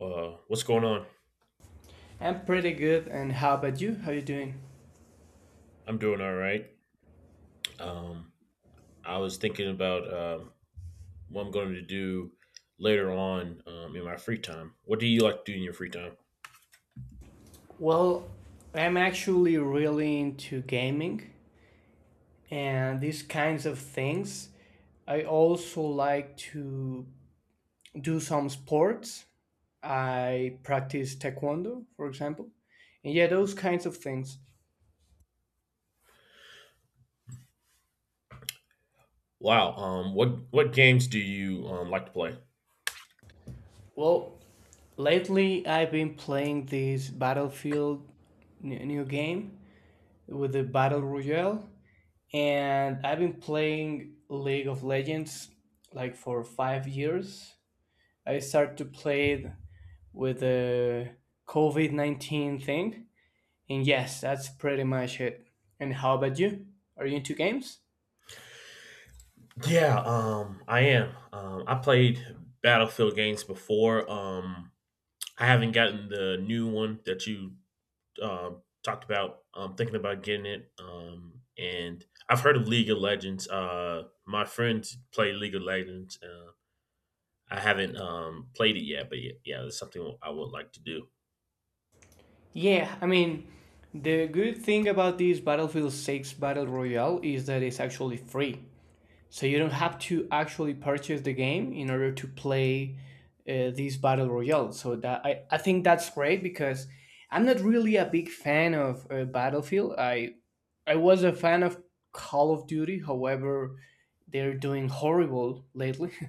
What's going on? I'm pretty good, and how about you? How you doing? I'm doing all right. Um, I was thinking about what I'm going to do later on in my free time. What do you like to do in your free time? Well, I'm actually really into gaming and these kinds of things. I also like to do some sports. I practice taekwondo, for example. And yeah, those kinds of things. Wow. What games do you like to play? Well, lately I've been playing this Battlefield new game with the Battle Royale. And I've been playing League of Legends like for 5 years. I started to play it with the COVID-19 thing, and yes, that's pretty much it. And how about you? Are you into games? Yeah, I am. I played Battlefield games before. I haven't gotten the new one that you talked about. I'm thinking about getting it. And I've heard of League of Legends. My friends play League of Legends, I haven't played it yet, but yeah, it's something I would like to do. Yeah, I mean, the good thing about this Battlefield 6 Battle Royale is that it's actually free. So you don't have to actually purchase the game in order to play these battle royales. So that I think that's great because I'm not really a big fan of Battlefield. I was a fan of Call of Duty. However, they're doing horrible lately.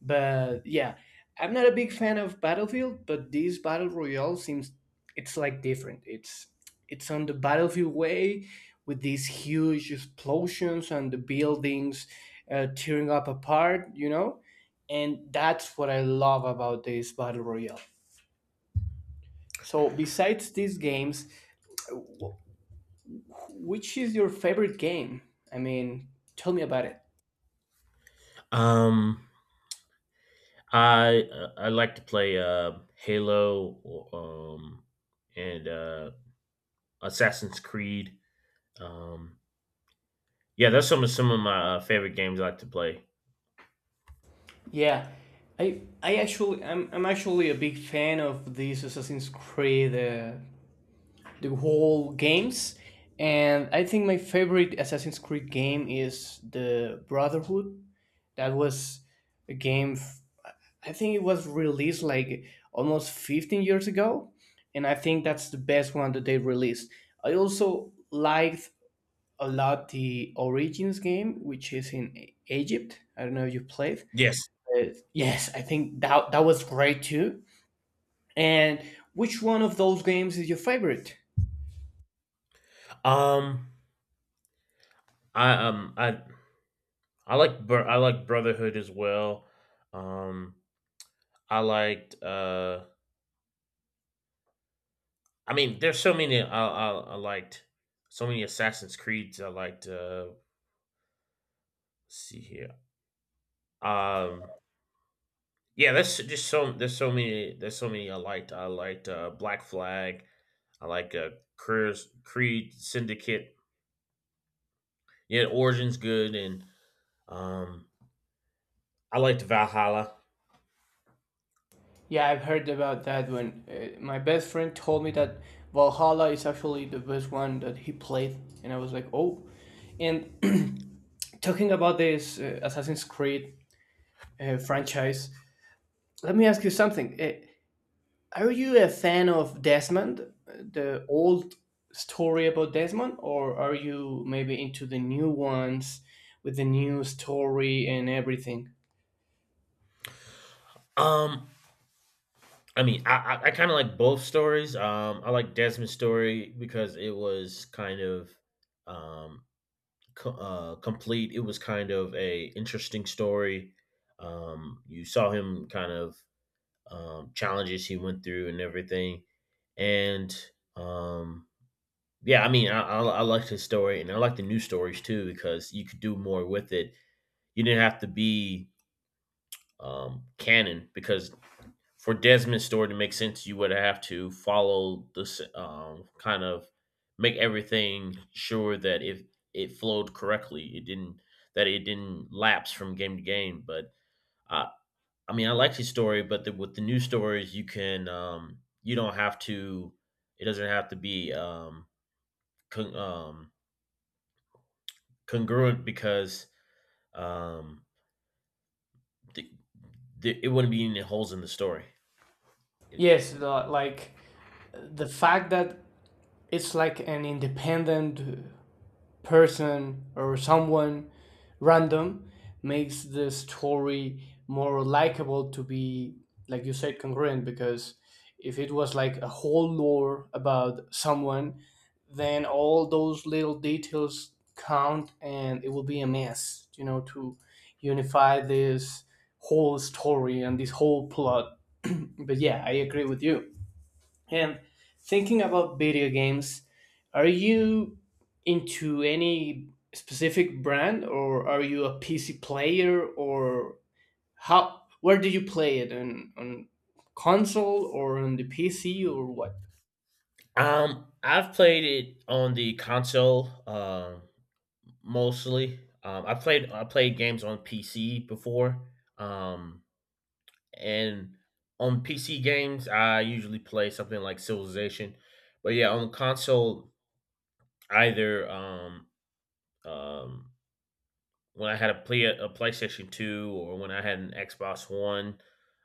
But yeah, I'm not a big fan of Battlefield, but this battle royale seems it's like different. It's on the battlefield way with these huge explosions and the buildings tearing up apart, you know? And that's what I love about this battle royale. So besides these games, wh- which is your favorite game? I mean, tell me about it. Um, I like to play Halo or, and Assassin's Creed. Um, yeah, that's some of my favorite games I like to play. Yeah, I'm actually a big fan of these Assassin's Creed, the whole games, and I think my favorite Assassin's Creed game is the Brotherhood. That was a game. I think it was released like almost 15 years ago, and I think that's the best one that they released. I also liked a lot the Origins game, which is in Egypt. I don't know if you played. Yes. Yes, yes, I think that that was great too. And which one of those games is your favorite? Um, I um I I like I like Brotherhood as well. Um, I liked. There's so many I liked so many Assassin's Creeds I liked. Let's see here. Um, yeah, that's just so there's so many I liked. I liked Black Flag. I like Creed Syndicate. Yeah, Origin's good, and um, I liked Valhalla. Yeah, I've heard about that one. My best friend told me that Valhalla is actually the best one that he played, and I was like, oh. And talking about this Assassin's Creed franchise, let me ask you something. Are you a fan of Desmond, the old story about Desmond, or are you maybe into the new ones with the new story and everything? Um, I kind of like both stories. I like Desmond's story because it was kind of um complete. It was kind of a interesting story. You saw him kind of challenges he went through and everything. And um, yeah, I mean, I liked his story and I like the news stories too because you could do more with it. You didn't have to be canon because for Desmond's story to make sense, you would have to follow this kind of make everything sure that if it flowed correctly, it didn't that it didn't lapse from game to game. But I, I mean, I liked his story, but with the new stories, you can you don't have to. It doesn't have to be con- um, congruent because um, the, it wouldn't be any holes in the story. Yes, like the fact that it's like an independent person or someone random makes the story more likable, to be, like you said, congruent, because if it was like a whole lore about someone, then all those little details count and it will be a mess, to unify this whole story and this whole plot. But yeah, I agree with you. And thinking about video games, are you into any specific brand, or are you a PC player, or how, where do you play it, on console or on the PC or what? I've played it on the console mostly. I played games on PC before, um, and on PC games, I usually play something like Civilization. But yeah, on console, Either, um, um, when I had a play a PlayStation 2 or when I had an Xbox One,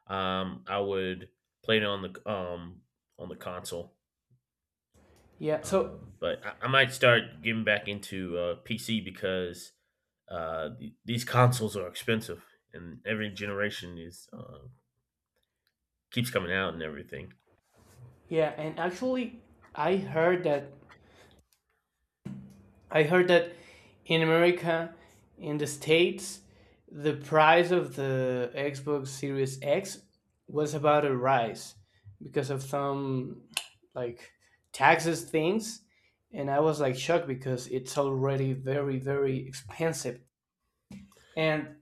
I would play it on the console, Yeah, so but I might start getting back into, PC because, the these consoles are expensive, and every generation is, keeps coming out and everything. yeah, and actually I heard that I heard that in America, in the States, the price of the Xbox Series X was about to rise because of some like taxes things. And I was like shocked because it's already very, very expensive. And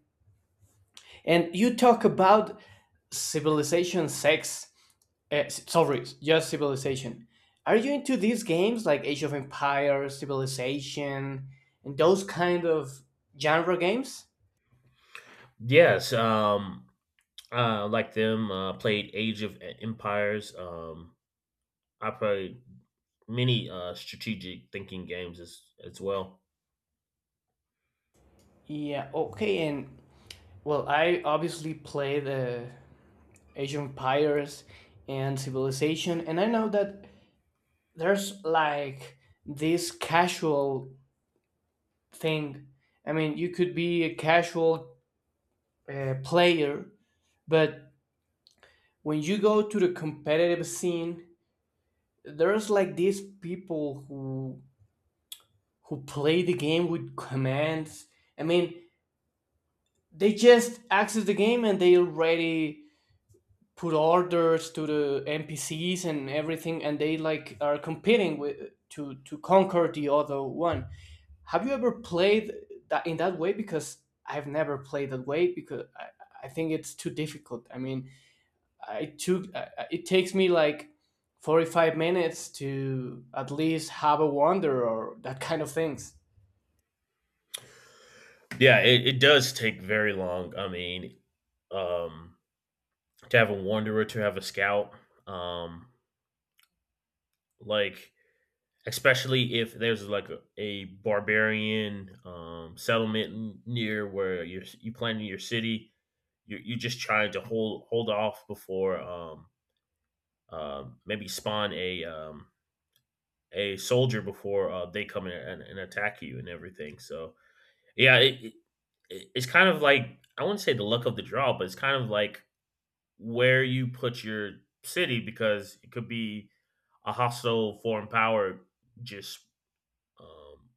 you talk about civilization sex. Sorry, just Civilization. Are you into these games like Age of Empires, Civilization, and those kind of genre games? Yes, like them, played Age of E Empires, I played many strategic thinking games as well. Yeah, okay, and well, I obviously play the Age of Empires and Civilization, and I know that there's like this casual thing. I mean, you could be a casual, player, but when you go to the competitive scene, there's like these people who play the game with commands. I mean, they just access the game and they already put orders to the NPCs and everything, and they like are competing with to conquer the other one. Have you ever played that in that way? Because I've never played that way because I think it's too difficult. I mean, it takes me like 45 minutes to at least have a wander or that kind of things. Yeah, it does take very long. I mean, um, to have a wanderer, to have a scout, um, like especially if there's like a barbarian settlement near where you planning your city, you're just trying to hold off before maybe spawn a soldier before they come in and attack you and everything. So yeah, it's kind of like I wouldn't say the luck of the draw, but it's kind of like where you put your city because it could be a hostile foreign power just um,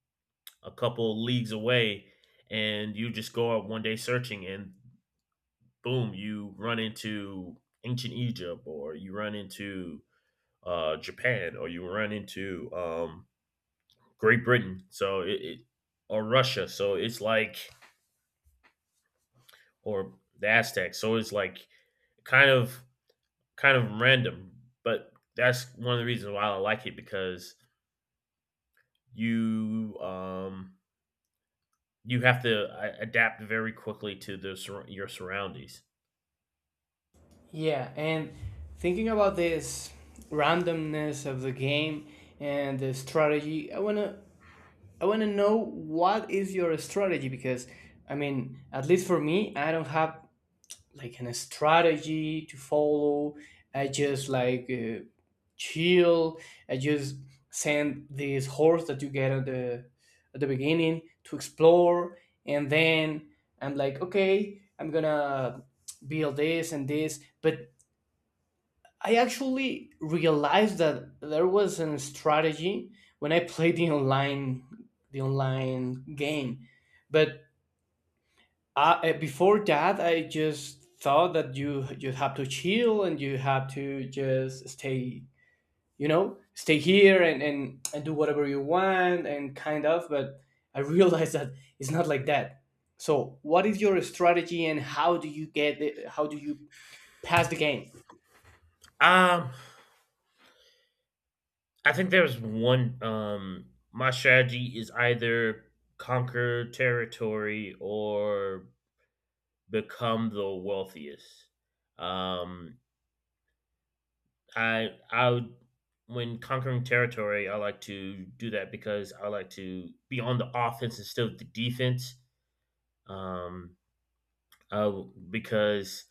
a couple leagues away, and you just go out one day searching, and boom, you run into ancient Egypt, or you run into Japan, or you run into Great Britain, so it or Russia, so it's like or the Aztecs, so it's like kind of kind of random, but that's one of the reasons why I like it because you um you have to adapt very quickly to the your surroundings. Yeah, and thinking about this randomness of the game and the strategy, I want to know what is your strategy because, I mean, at least for me, I don't have like an strategy to follow. I just like, chill. I just send this horse that you get at the beginning to explore, and then I'm like, okay, I'm gonna build this and this. But I actually realized that there was a strategy when I played the online game, but before that, I just thought that you have to chill and you have to just stay, stay here and and do whatever you want and kind of. But I realized that it's not like that. So, what is your strategy, and how do you pass the game? Um, I think there's one. My strategy is either conquer territory or become the wealthiest. Um, I I would, when conquering territory, I like to do that because I like to be on the offense instead of the defense. um, uh, because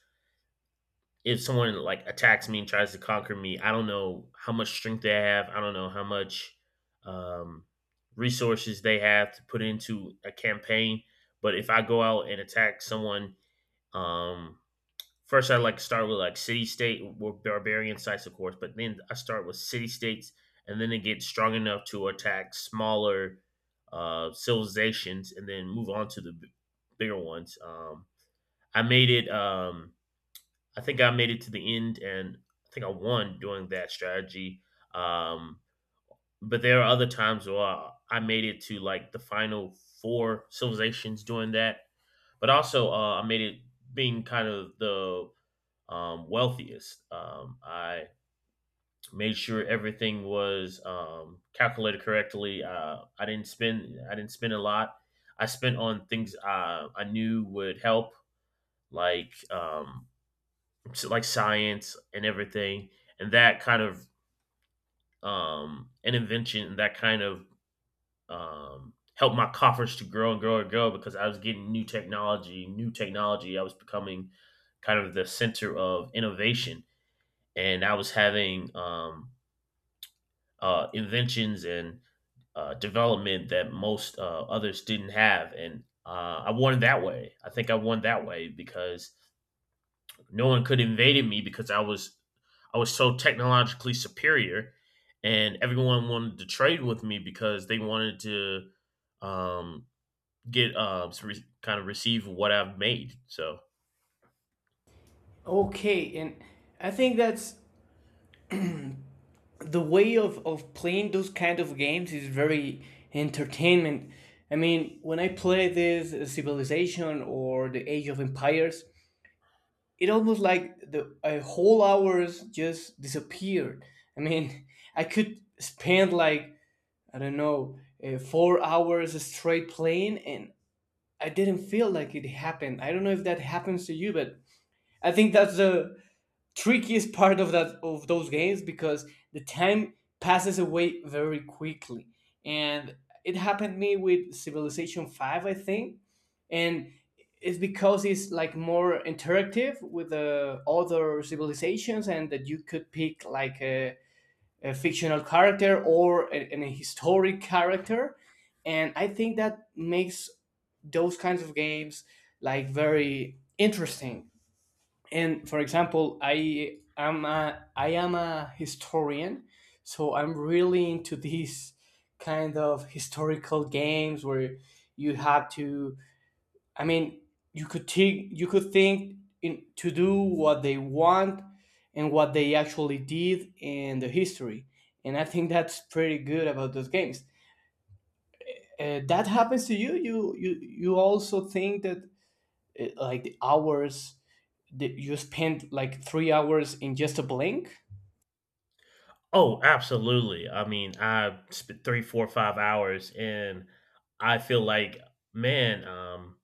if someone like attacks me and tries to conquer me, I don't know how much strength they have. I don't know how much um, resources they have to put into a campaign. But if I go out and attack someone, um, first I like to start with like city state or barbarian sites, of course. But then I start with city states, and then it gets strong enough to attack smaller civilizations, and then move on to the bigger ones. I made it. I think I made it to the end, and I think I won doing that strategy. Um, but there are other times where I made it to like the final four civilizations doing that. But also, I made it being kind of the wealthiest. I made sure everything was calculated correctly. I didn't spend. I didn't spend a lot. I spent on things I knew would help, like so, like science and everything, and that kind of an invention that kind of helped my coffers to grow and grow and grow because I was getting new technology, new technology. I was becoming kind of the center of innovation, and I was having inventions and development that most others didn't have, and I won that way. I think I won that way because no one could invade me because I was so technologically superior, and everyone wanted to trade with me because they wanted to um, get kind of receive what I've made. So, Okay, and I think that's the way of playing those kind of games is very entertainment. I mean, when I play this, Civilization or the Age of Empires, it almost like the a whole hours just disappeared. I mean, I could spend like, I don't know, 4 hours straight playing, and I didn't feel like it happened. I don't know if that happens to you, but I think that's the trickiest part of those games because the time passes away very quickly. And it happened to me with Civilization 5, I think. And it's because it's like more interactive with the other civilizations, and that you could pick like a fictional character or an historic character. And I think that makes those kinds of games like very interesting. And for example, I am a historian, so I'm really into these kind of historical games where you have to, I mean, you could think in to do what they want and what they actually did in the history. And I think that's pretty good about those games. That happens to you? You also think that, like, the hours that you spend like 3 hours in just a blink? oh, absolutely. I mean, I spent 3, 4, 5 hours, and I feel like, man,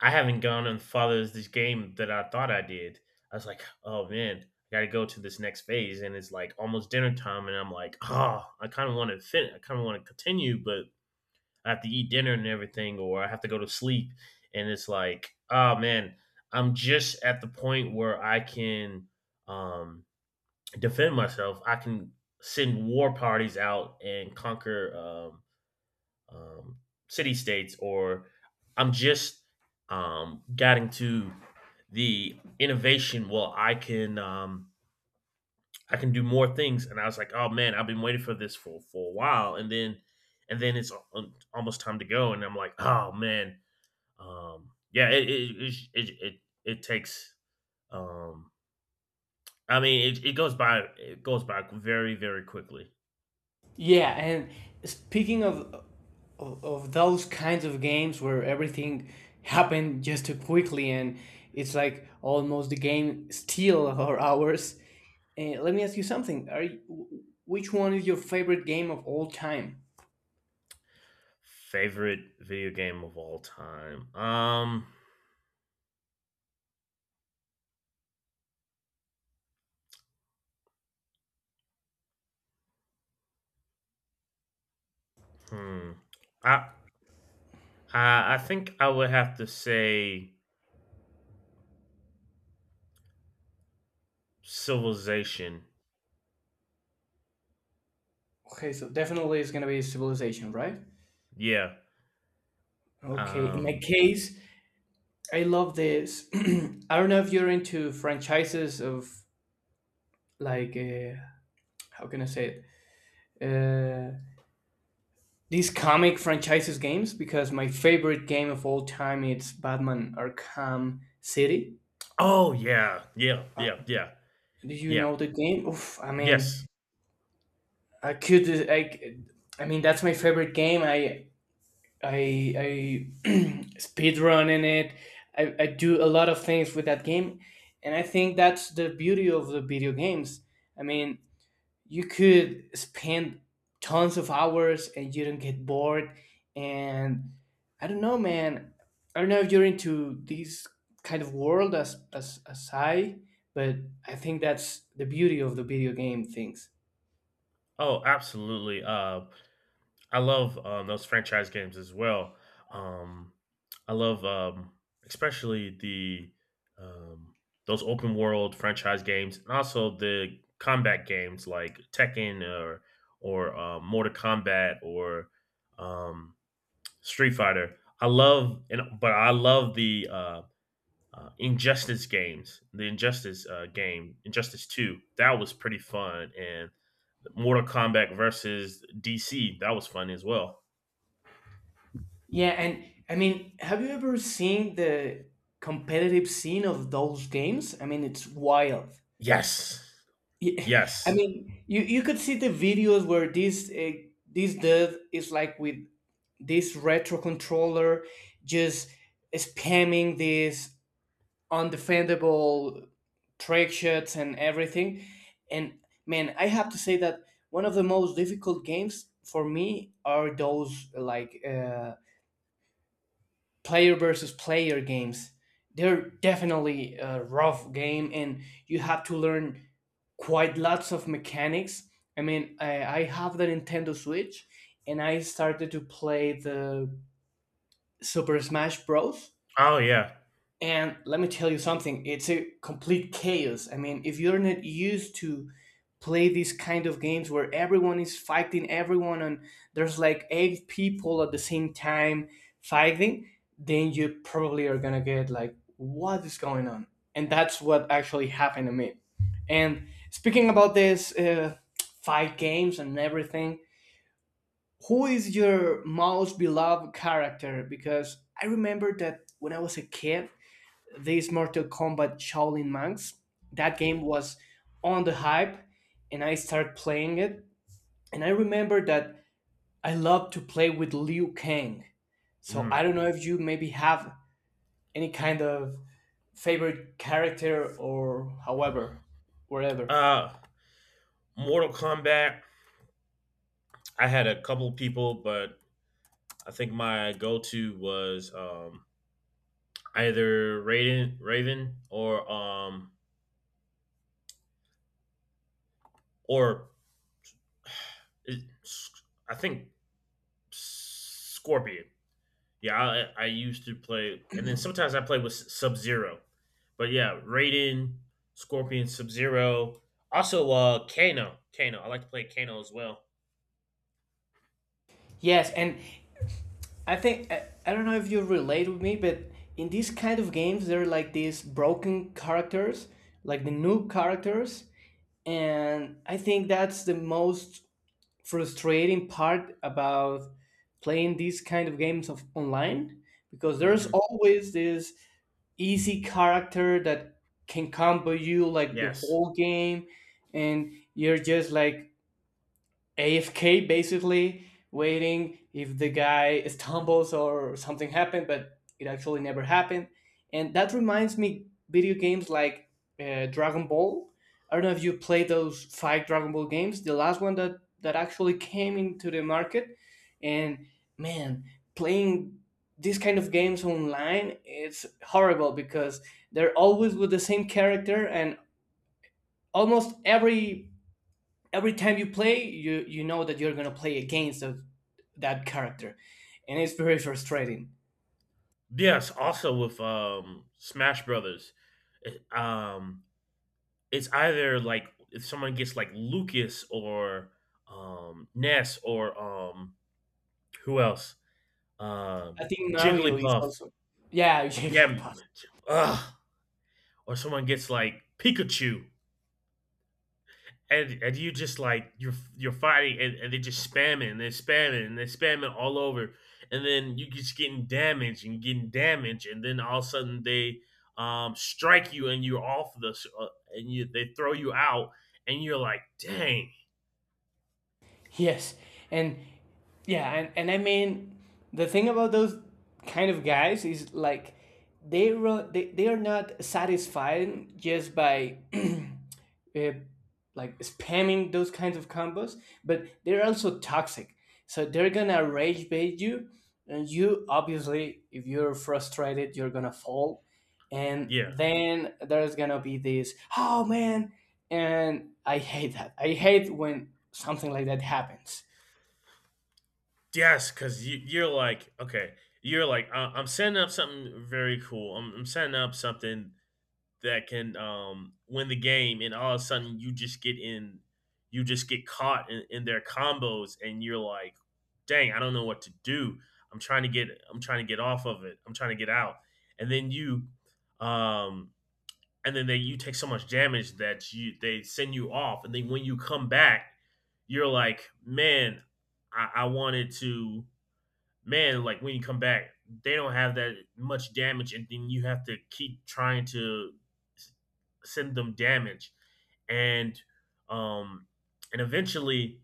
I haven't gone and followed this game that I thought I did. I was like, "Oh man, I got to go to this next phase," and it's like almost dinner time, and I'm like, "Oh, I kind of want to I kind of want to continue, but I have to eat dinner and everything, or I have to go to sleep." And it's like, "Oh man, I'm just at the point where I can um, defend myself. I can send war parties out and conquer um, um, city states, or I'm just getting to the innovation. Well, I can do more things, and I was like, oh man, I've been waiting for this for a while, and then it's almost time to go, and I'm like, oh man, yeah, takes. Um, I mean, it goes by very very quickly. Yeah, and speaking of those kinds of games where everything happened just too quickly, and it's like almost the game steal our hours, let me ask you something, which one is your favorite game of all time? Favorite video game of all time? Hmm. I I think I would have to say Civilization. Okay, so definitely it's gonna be Civilization, right? Yeah. Okay, in my Um case, I love this. I don't know if you're into franchises of, like, how can I say it? These comic franchises games because my favorite game of all time it's Batman Arkham City. oh yeah. Yeah. Do you Yeah. know the game? Oof, I mean, Yes. I could, I, I mean, that's my favorite game. I speed run in it. I do a lot of things with that game, and I think that's the beauty of the video games. I mean, you could spend tons of hours and you don't get bored. And I don't know, man, I don't know if you're into this kind of world, as I but I think that's the beauty of the video game things. Oh, absolutely. I love those franchise games as well. Um I love especially the um those open world franchise games and also the combat games like Tekken or Mortal Kombat or um Street Fighter. I love and but I love the Injustice games. The Injustice game, Injustice Two, that was pretty fun, and Mortal Kombat versus DC, that was fun as well. Yeah, and, I mean, have you ever seen the competitive scene of those games? I mean, it's wild. Yes, Yeah, yes. I mean, you could see the videos where this, this dude is like with this retro controller just spamming these undefendable trick shots and everything. And man, I have to say that one of the most difficult games for me are those like, player versus player games. They're definitely a rough game, and you have to learn quite lots of mechanics. I mean, I have the Nintendo Switch, and I started to play the Super Smash Bros. Oh yeah. And let me tell you something, it's a complete chaos. I mean, if you're not used to play these kind of games where everyone is fighting everyone and there's like eight people at the same time fighting, then you probably are gonna get like, what is going on? And that's what actually happened to me. And speaking about this, fight games and everything, who is your most beloved character? Because I remember that when I was a kid, this Mortal Kombat Shaolin Monks, that game was on the hype and I started playing it. And I remember that I loved to play with Liu Kang. So I Mm. don't know if you maybe have any kind of favorite character, or however, wherever. Uh, Mortal Kombat. I had a couple people, but I think my go-to was either Raiden, Raven, or I think Scorpion. Yeah, I used to play, and then sometimes I play with Sub Zero. But yeah, Raiden, Scorpion, Sub Zero. Also, Kano. Kano. I like to play Kano as well. Yes, and I think I don't know if you relate with me, but in these kind of games, there are like these broken characters, like the noob characters, and I think that's the most frustrating part about playing these kind of games of online because there's Hmm. always this easy character that can combo you like the Yes. whole game and you're just like AFK basically, waiting if the guy stumbles or something happened, but it actually never happened. And that reminds me video games like Dragon Ball. I don't know if you played those five Dragon Ball games, the last one that actually came into the market. And man, playing these kind of games online it's horrible because they're always with the same character and almost every time you play you know that you're gonna play against of that character and it's very frustrating. Yes. Also with Smash Brothers, it- um, it's either like if someone gets like Lucas or Ness or who else? I think Mario is Jigglypuff. also yeah Yeah. Jigglypuff. Ugh. Or someone gets like Pikachu and you just like you're fighting and they're just spamming and they're spamming and they're spamming all over and then you just getting damaged and then all of a sudden they strike you and you're off the and you they throw you out and you're like dang. Yes, and yeah and I mean the thing about those kind of guys is like they, ro- they are not satisfied just by uh, like spamming those kinds of combos, but they're also toxic. So they're gonna rage bait you, and you obviously, if you're frustrated, you're gonna fall. And Yeah. then there's gonna be this, oh man, and I hate that. I hate when something like that happens. Yes, because you're like okay you're like I'm setting up something very cool. I'm setting up something that can win the game, and all of a sudden you just get in, you just get caught in their combos, and you're like, "Dang, I don't know what to do. I'm trying to get, I'm trying to get off of it. I'm trying to get out." And then um, and then they you take so much damage that you they send you off, and then when you come back, you're like, "Man, I wanted to." Man, like when you come back, they don't have that much damage, and then you have to keep trying to s- send them damage, and um, and eventually,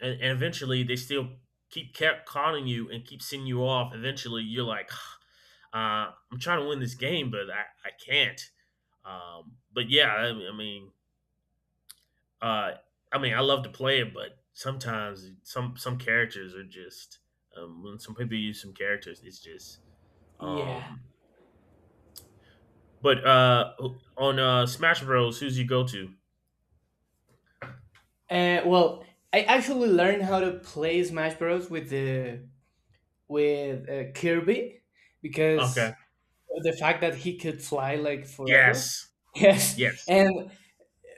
and eventually, they still keep kept calling you and keep sending you off. Eventually, you're like, I'm trying to win this game, but I can't. But yeah, uh, I mean, I love to play it, but sometimes some characters are just when some people use some characters, it's just Yeah. um. But on Smash Bros, who's your go-to? Well, I actually learned how to play Smash Bros. With the with Kirby because Okay. the fact that he could fly like forever. Yes. Yes. Yes. And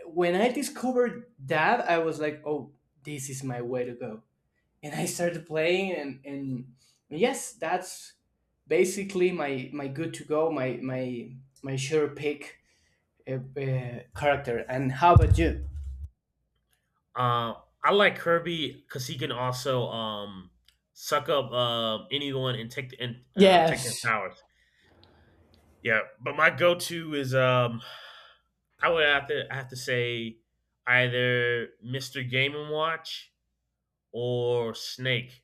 when I discovered that, I was like, oh, this is my way to go. And I started playing, and yes, that's basically my good to go, my sure pick character. And how about you? Uh, I like Kirby because he can also suck up anyone and take the and take their Yes. powers. Yeah, but my go-to is I have to say either Mr. Game and Watch or Snake.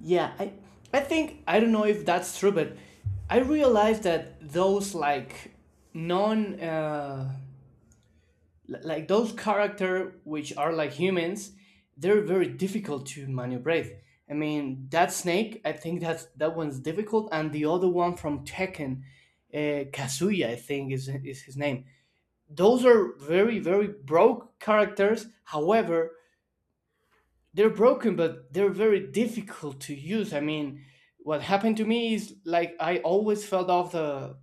Yeah, I think I don't know if that's true, but I realized that those like non uh, like those character which are like humans, they're very difficult to manipulate. I mean that snake, I think that's that one's difficult, and the other one from Tekken, Kazuya, I think is his name. Those are very broke characters. However, they're broken but they're very difficult to use. I mean what happened to me is like I always felt off the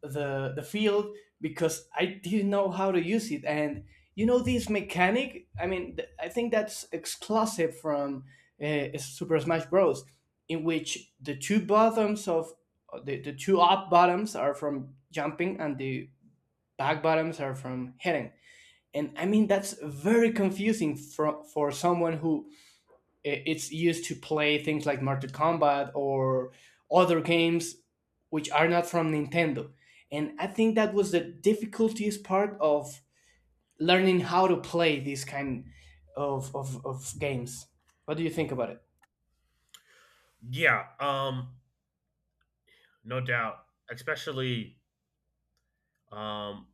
the field because I didn't know how to use it and you know this mechanic. I mean I think that's exclusive from Super Smash Bros. In which the two bottoms of the two up bottoms are from jumping and the back bottoms are from hitting. And I mean that's very confusing for someone who it's used to play things like Mortal Kombat or other games which are not from Nintendo. And I think that was the difficultiest part of learning how to play these kind of games. What do you think about it? Yeah, no doubt. Especially, um,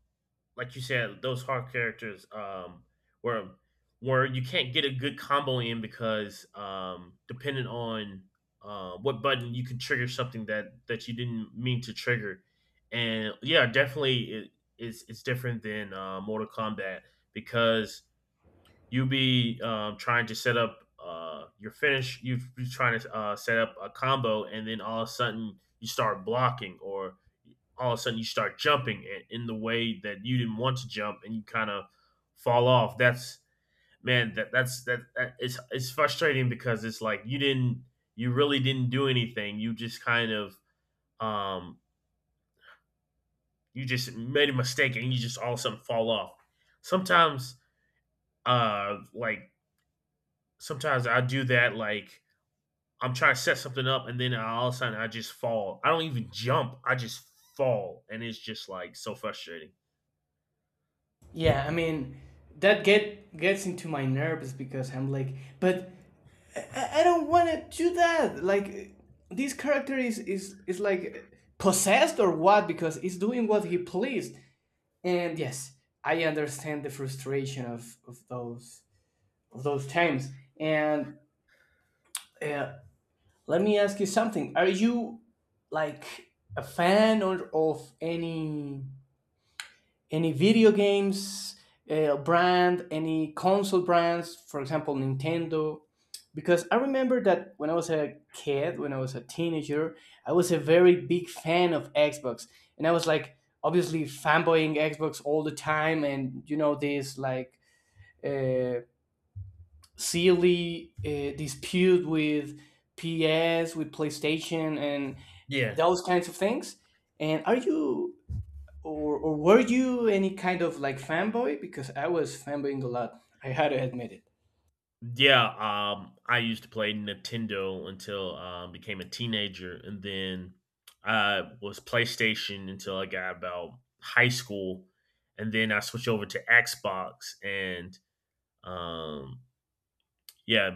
like you said, those hard characters, where where you can't get a good combo in because depending on what button you can trigger something that you didn't mean to trigger, and yeah, definitely it's different than Mortal Kombat because you be trying to set up your finish. You be trying to set up a combo, and then all of a sudden you start blocking, or all of a sudden you start jumping in the way that you didn't want to jump, and you kind of fall off. That's man, that it's frustrating because it's like you didn't you really didn't do anything. You just kind of um, you just made a mistake, and you just all of a sudden fall off. Sometimes, like sometimes I do that, like I'm trying to set something up, and then all of a sudden I just fall. I don't even jump. I just fall, and it's just like so frustrating. Yeah, I mean, that gets into my nerves because I'm like, but I don't want to do that. Like, this character is like possessed or what? Because he's doing what he pleased. And yes, I understand the frustration of those of those times. And uh, let me ask you something. Are you like a fan or of any video games brand, any console brands, for example, Nintendo? Because I remember that when I was a kid, when I was a teenager, I was a very big fan of Xbox, and I was like obviously fanboying Xbox all the time, and you know this like uh, silly dispute with PS, with PlayStation, and Yeah, those kinds of things. And are you or were you any kind of like fanboy? Because I was fanboying a lot. I had to admit it. yeah. I used to play Nintendo until became a teenager, and then I was PlayStation until I got about high school, and then I switched over to Xbox, and um, yeah,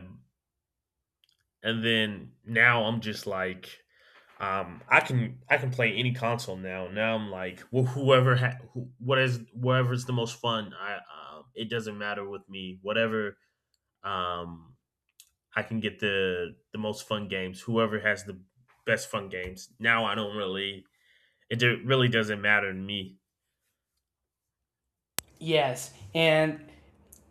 and then now I'm just like I can play any console now. Now I'm like wh- whoever ha- who, what is whatever's the most fun. I it doesn't matter with me. Whatever um, I can get the most fun games. Whoever has the best fun games. Now I don't really really doesn't matter to me. Yes. And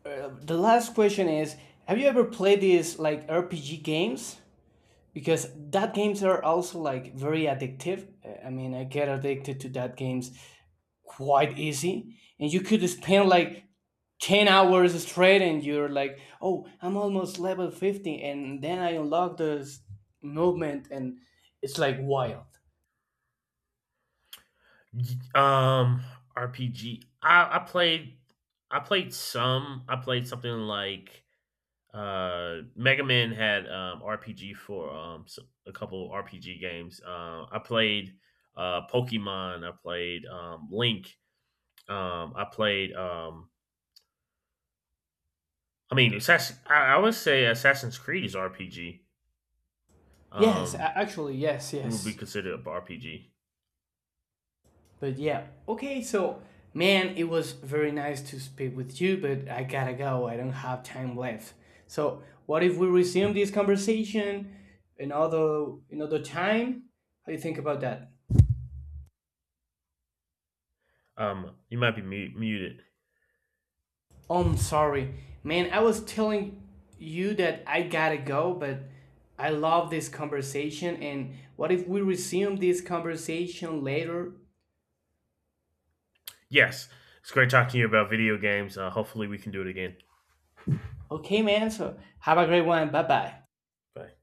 the last question is: Have you ever played these like RPG games? Because that games are also like very addictive. I mean, I get addicted to that games quite easy and you could spend like 10 hours straight and you're like oh I'm almost level 50 and then I unlock this movement and it's like wild. Um, RPG. I played some. I played something like Mega Man had RPG for a couple RPG games. I played Pokemon, I played Link, I played I mean Assassin I would say Assassin's Creed is RPG. Um Actually yes, would be yes, considered a RPG. but yeah, okay, so man it was very nice to speak with you but I gotta go, I don't have time left. So what if we resume this conversation another time? How do you think about that? You might be muted. I'm sorry. Man, I was telling you that I gotta go, but I love this conversation. And what if we resume this conversation later? Yes. It's great talking to you about video games. Hopefully we can do it again. Okay, man, so have a great one. Bye bye. Bye.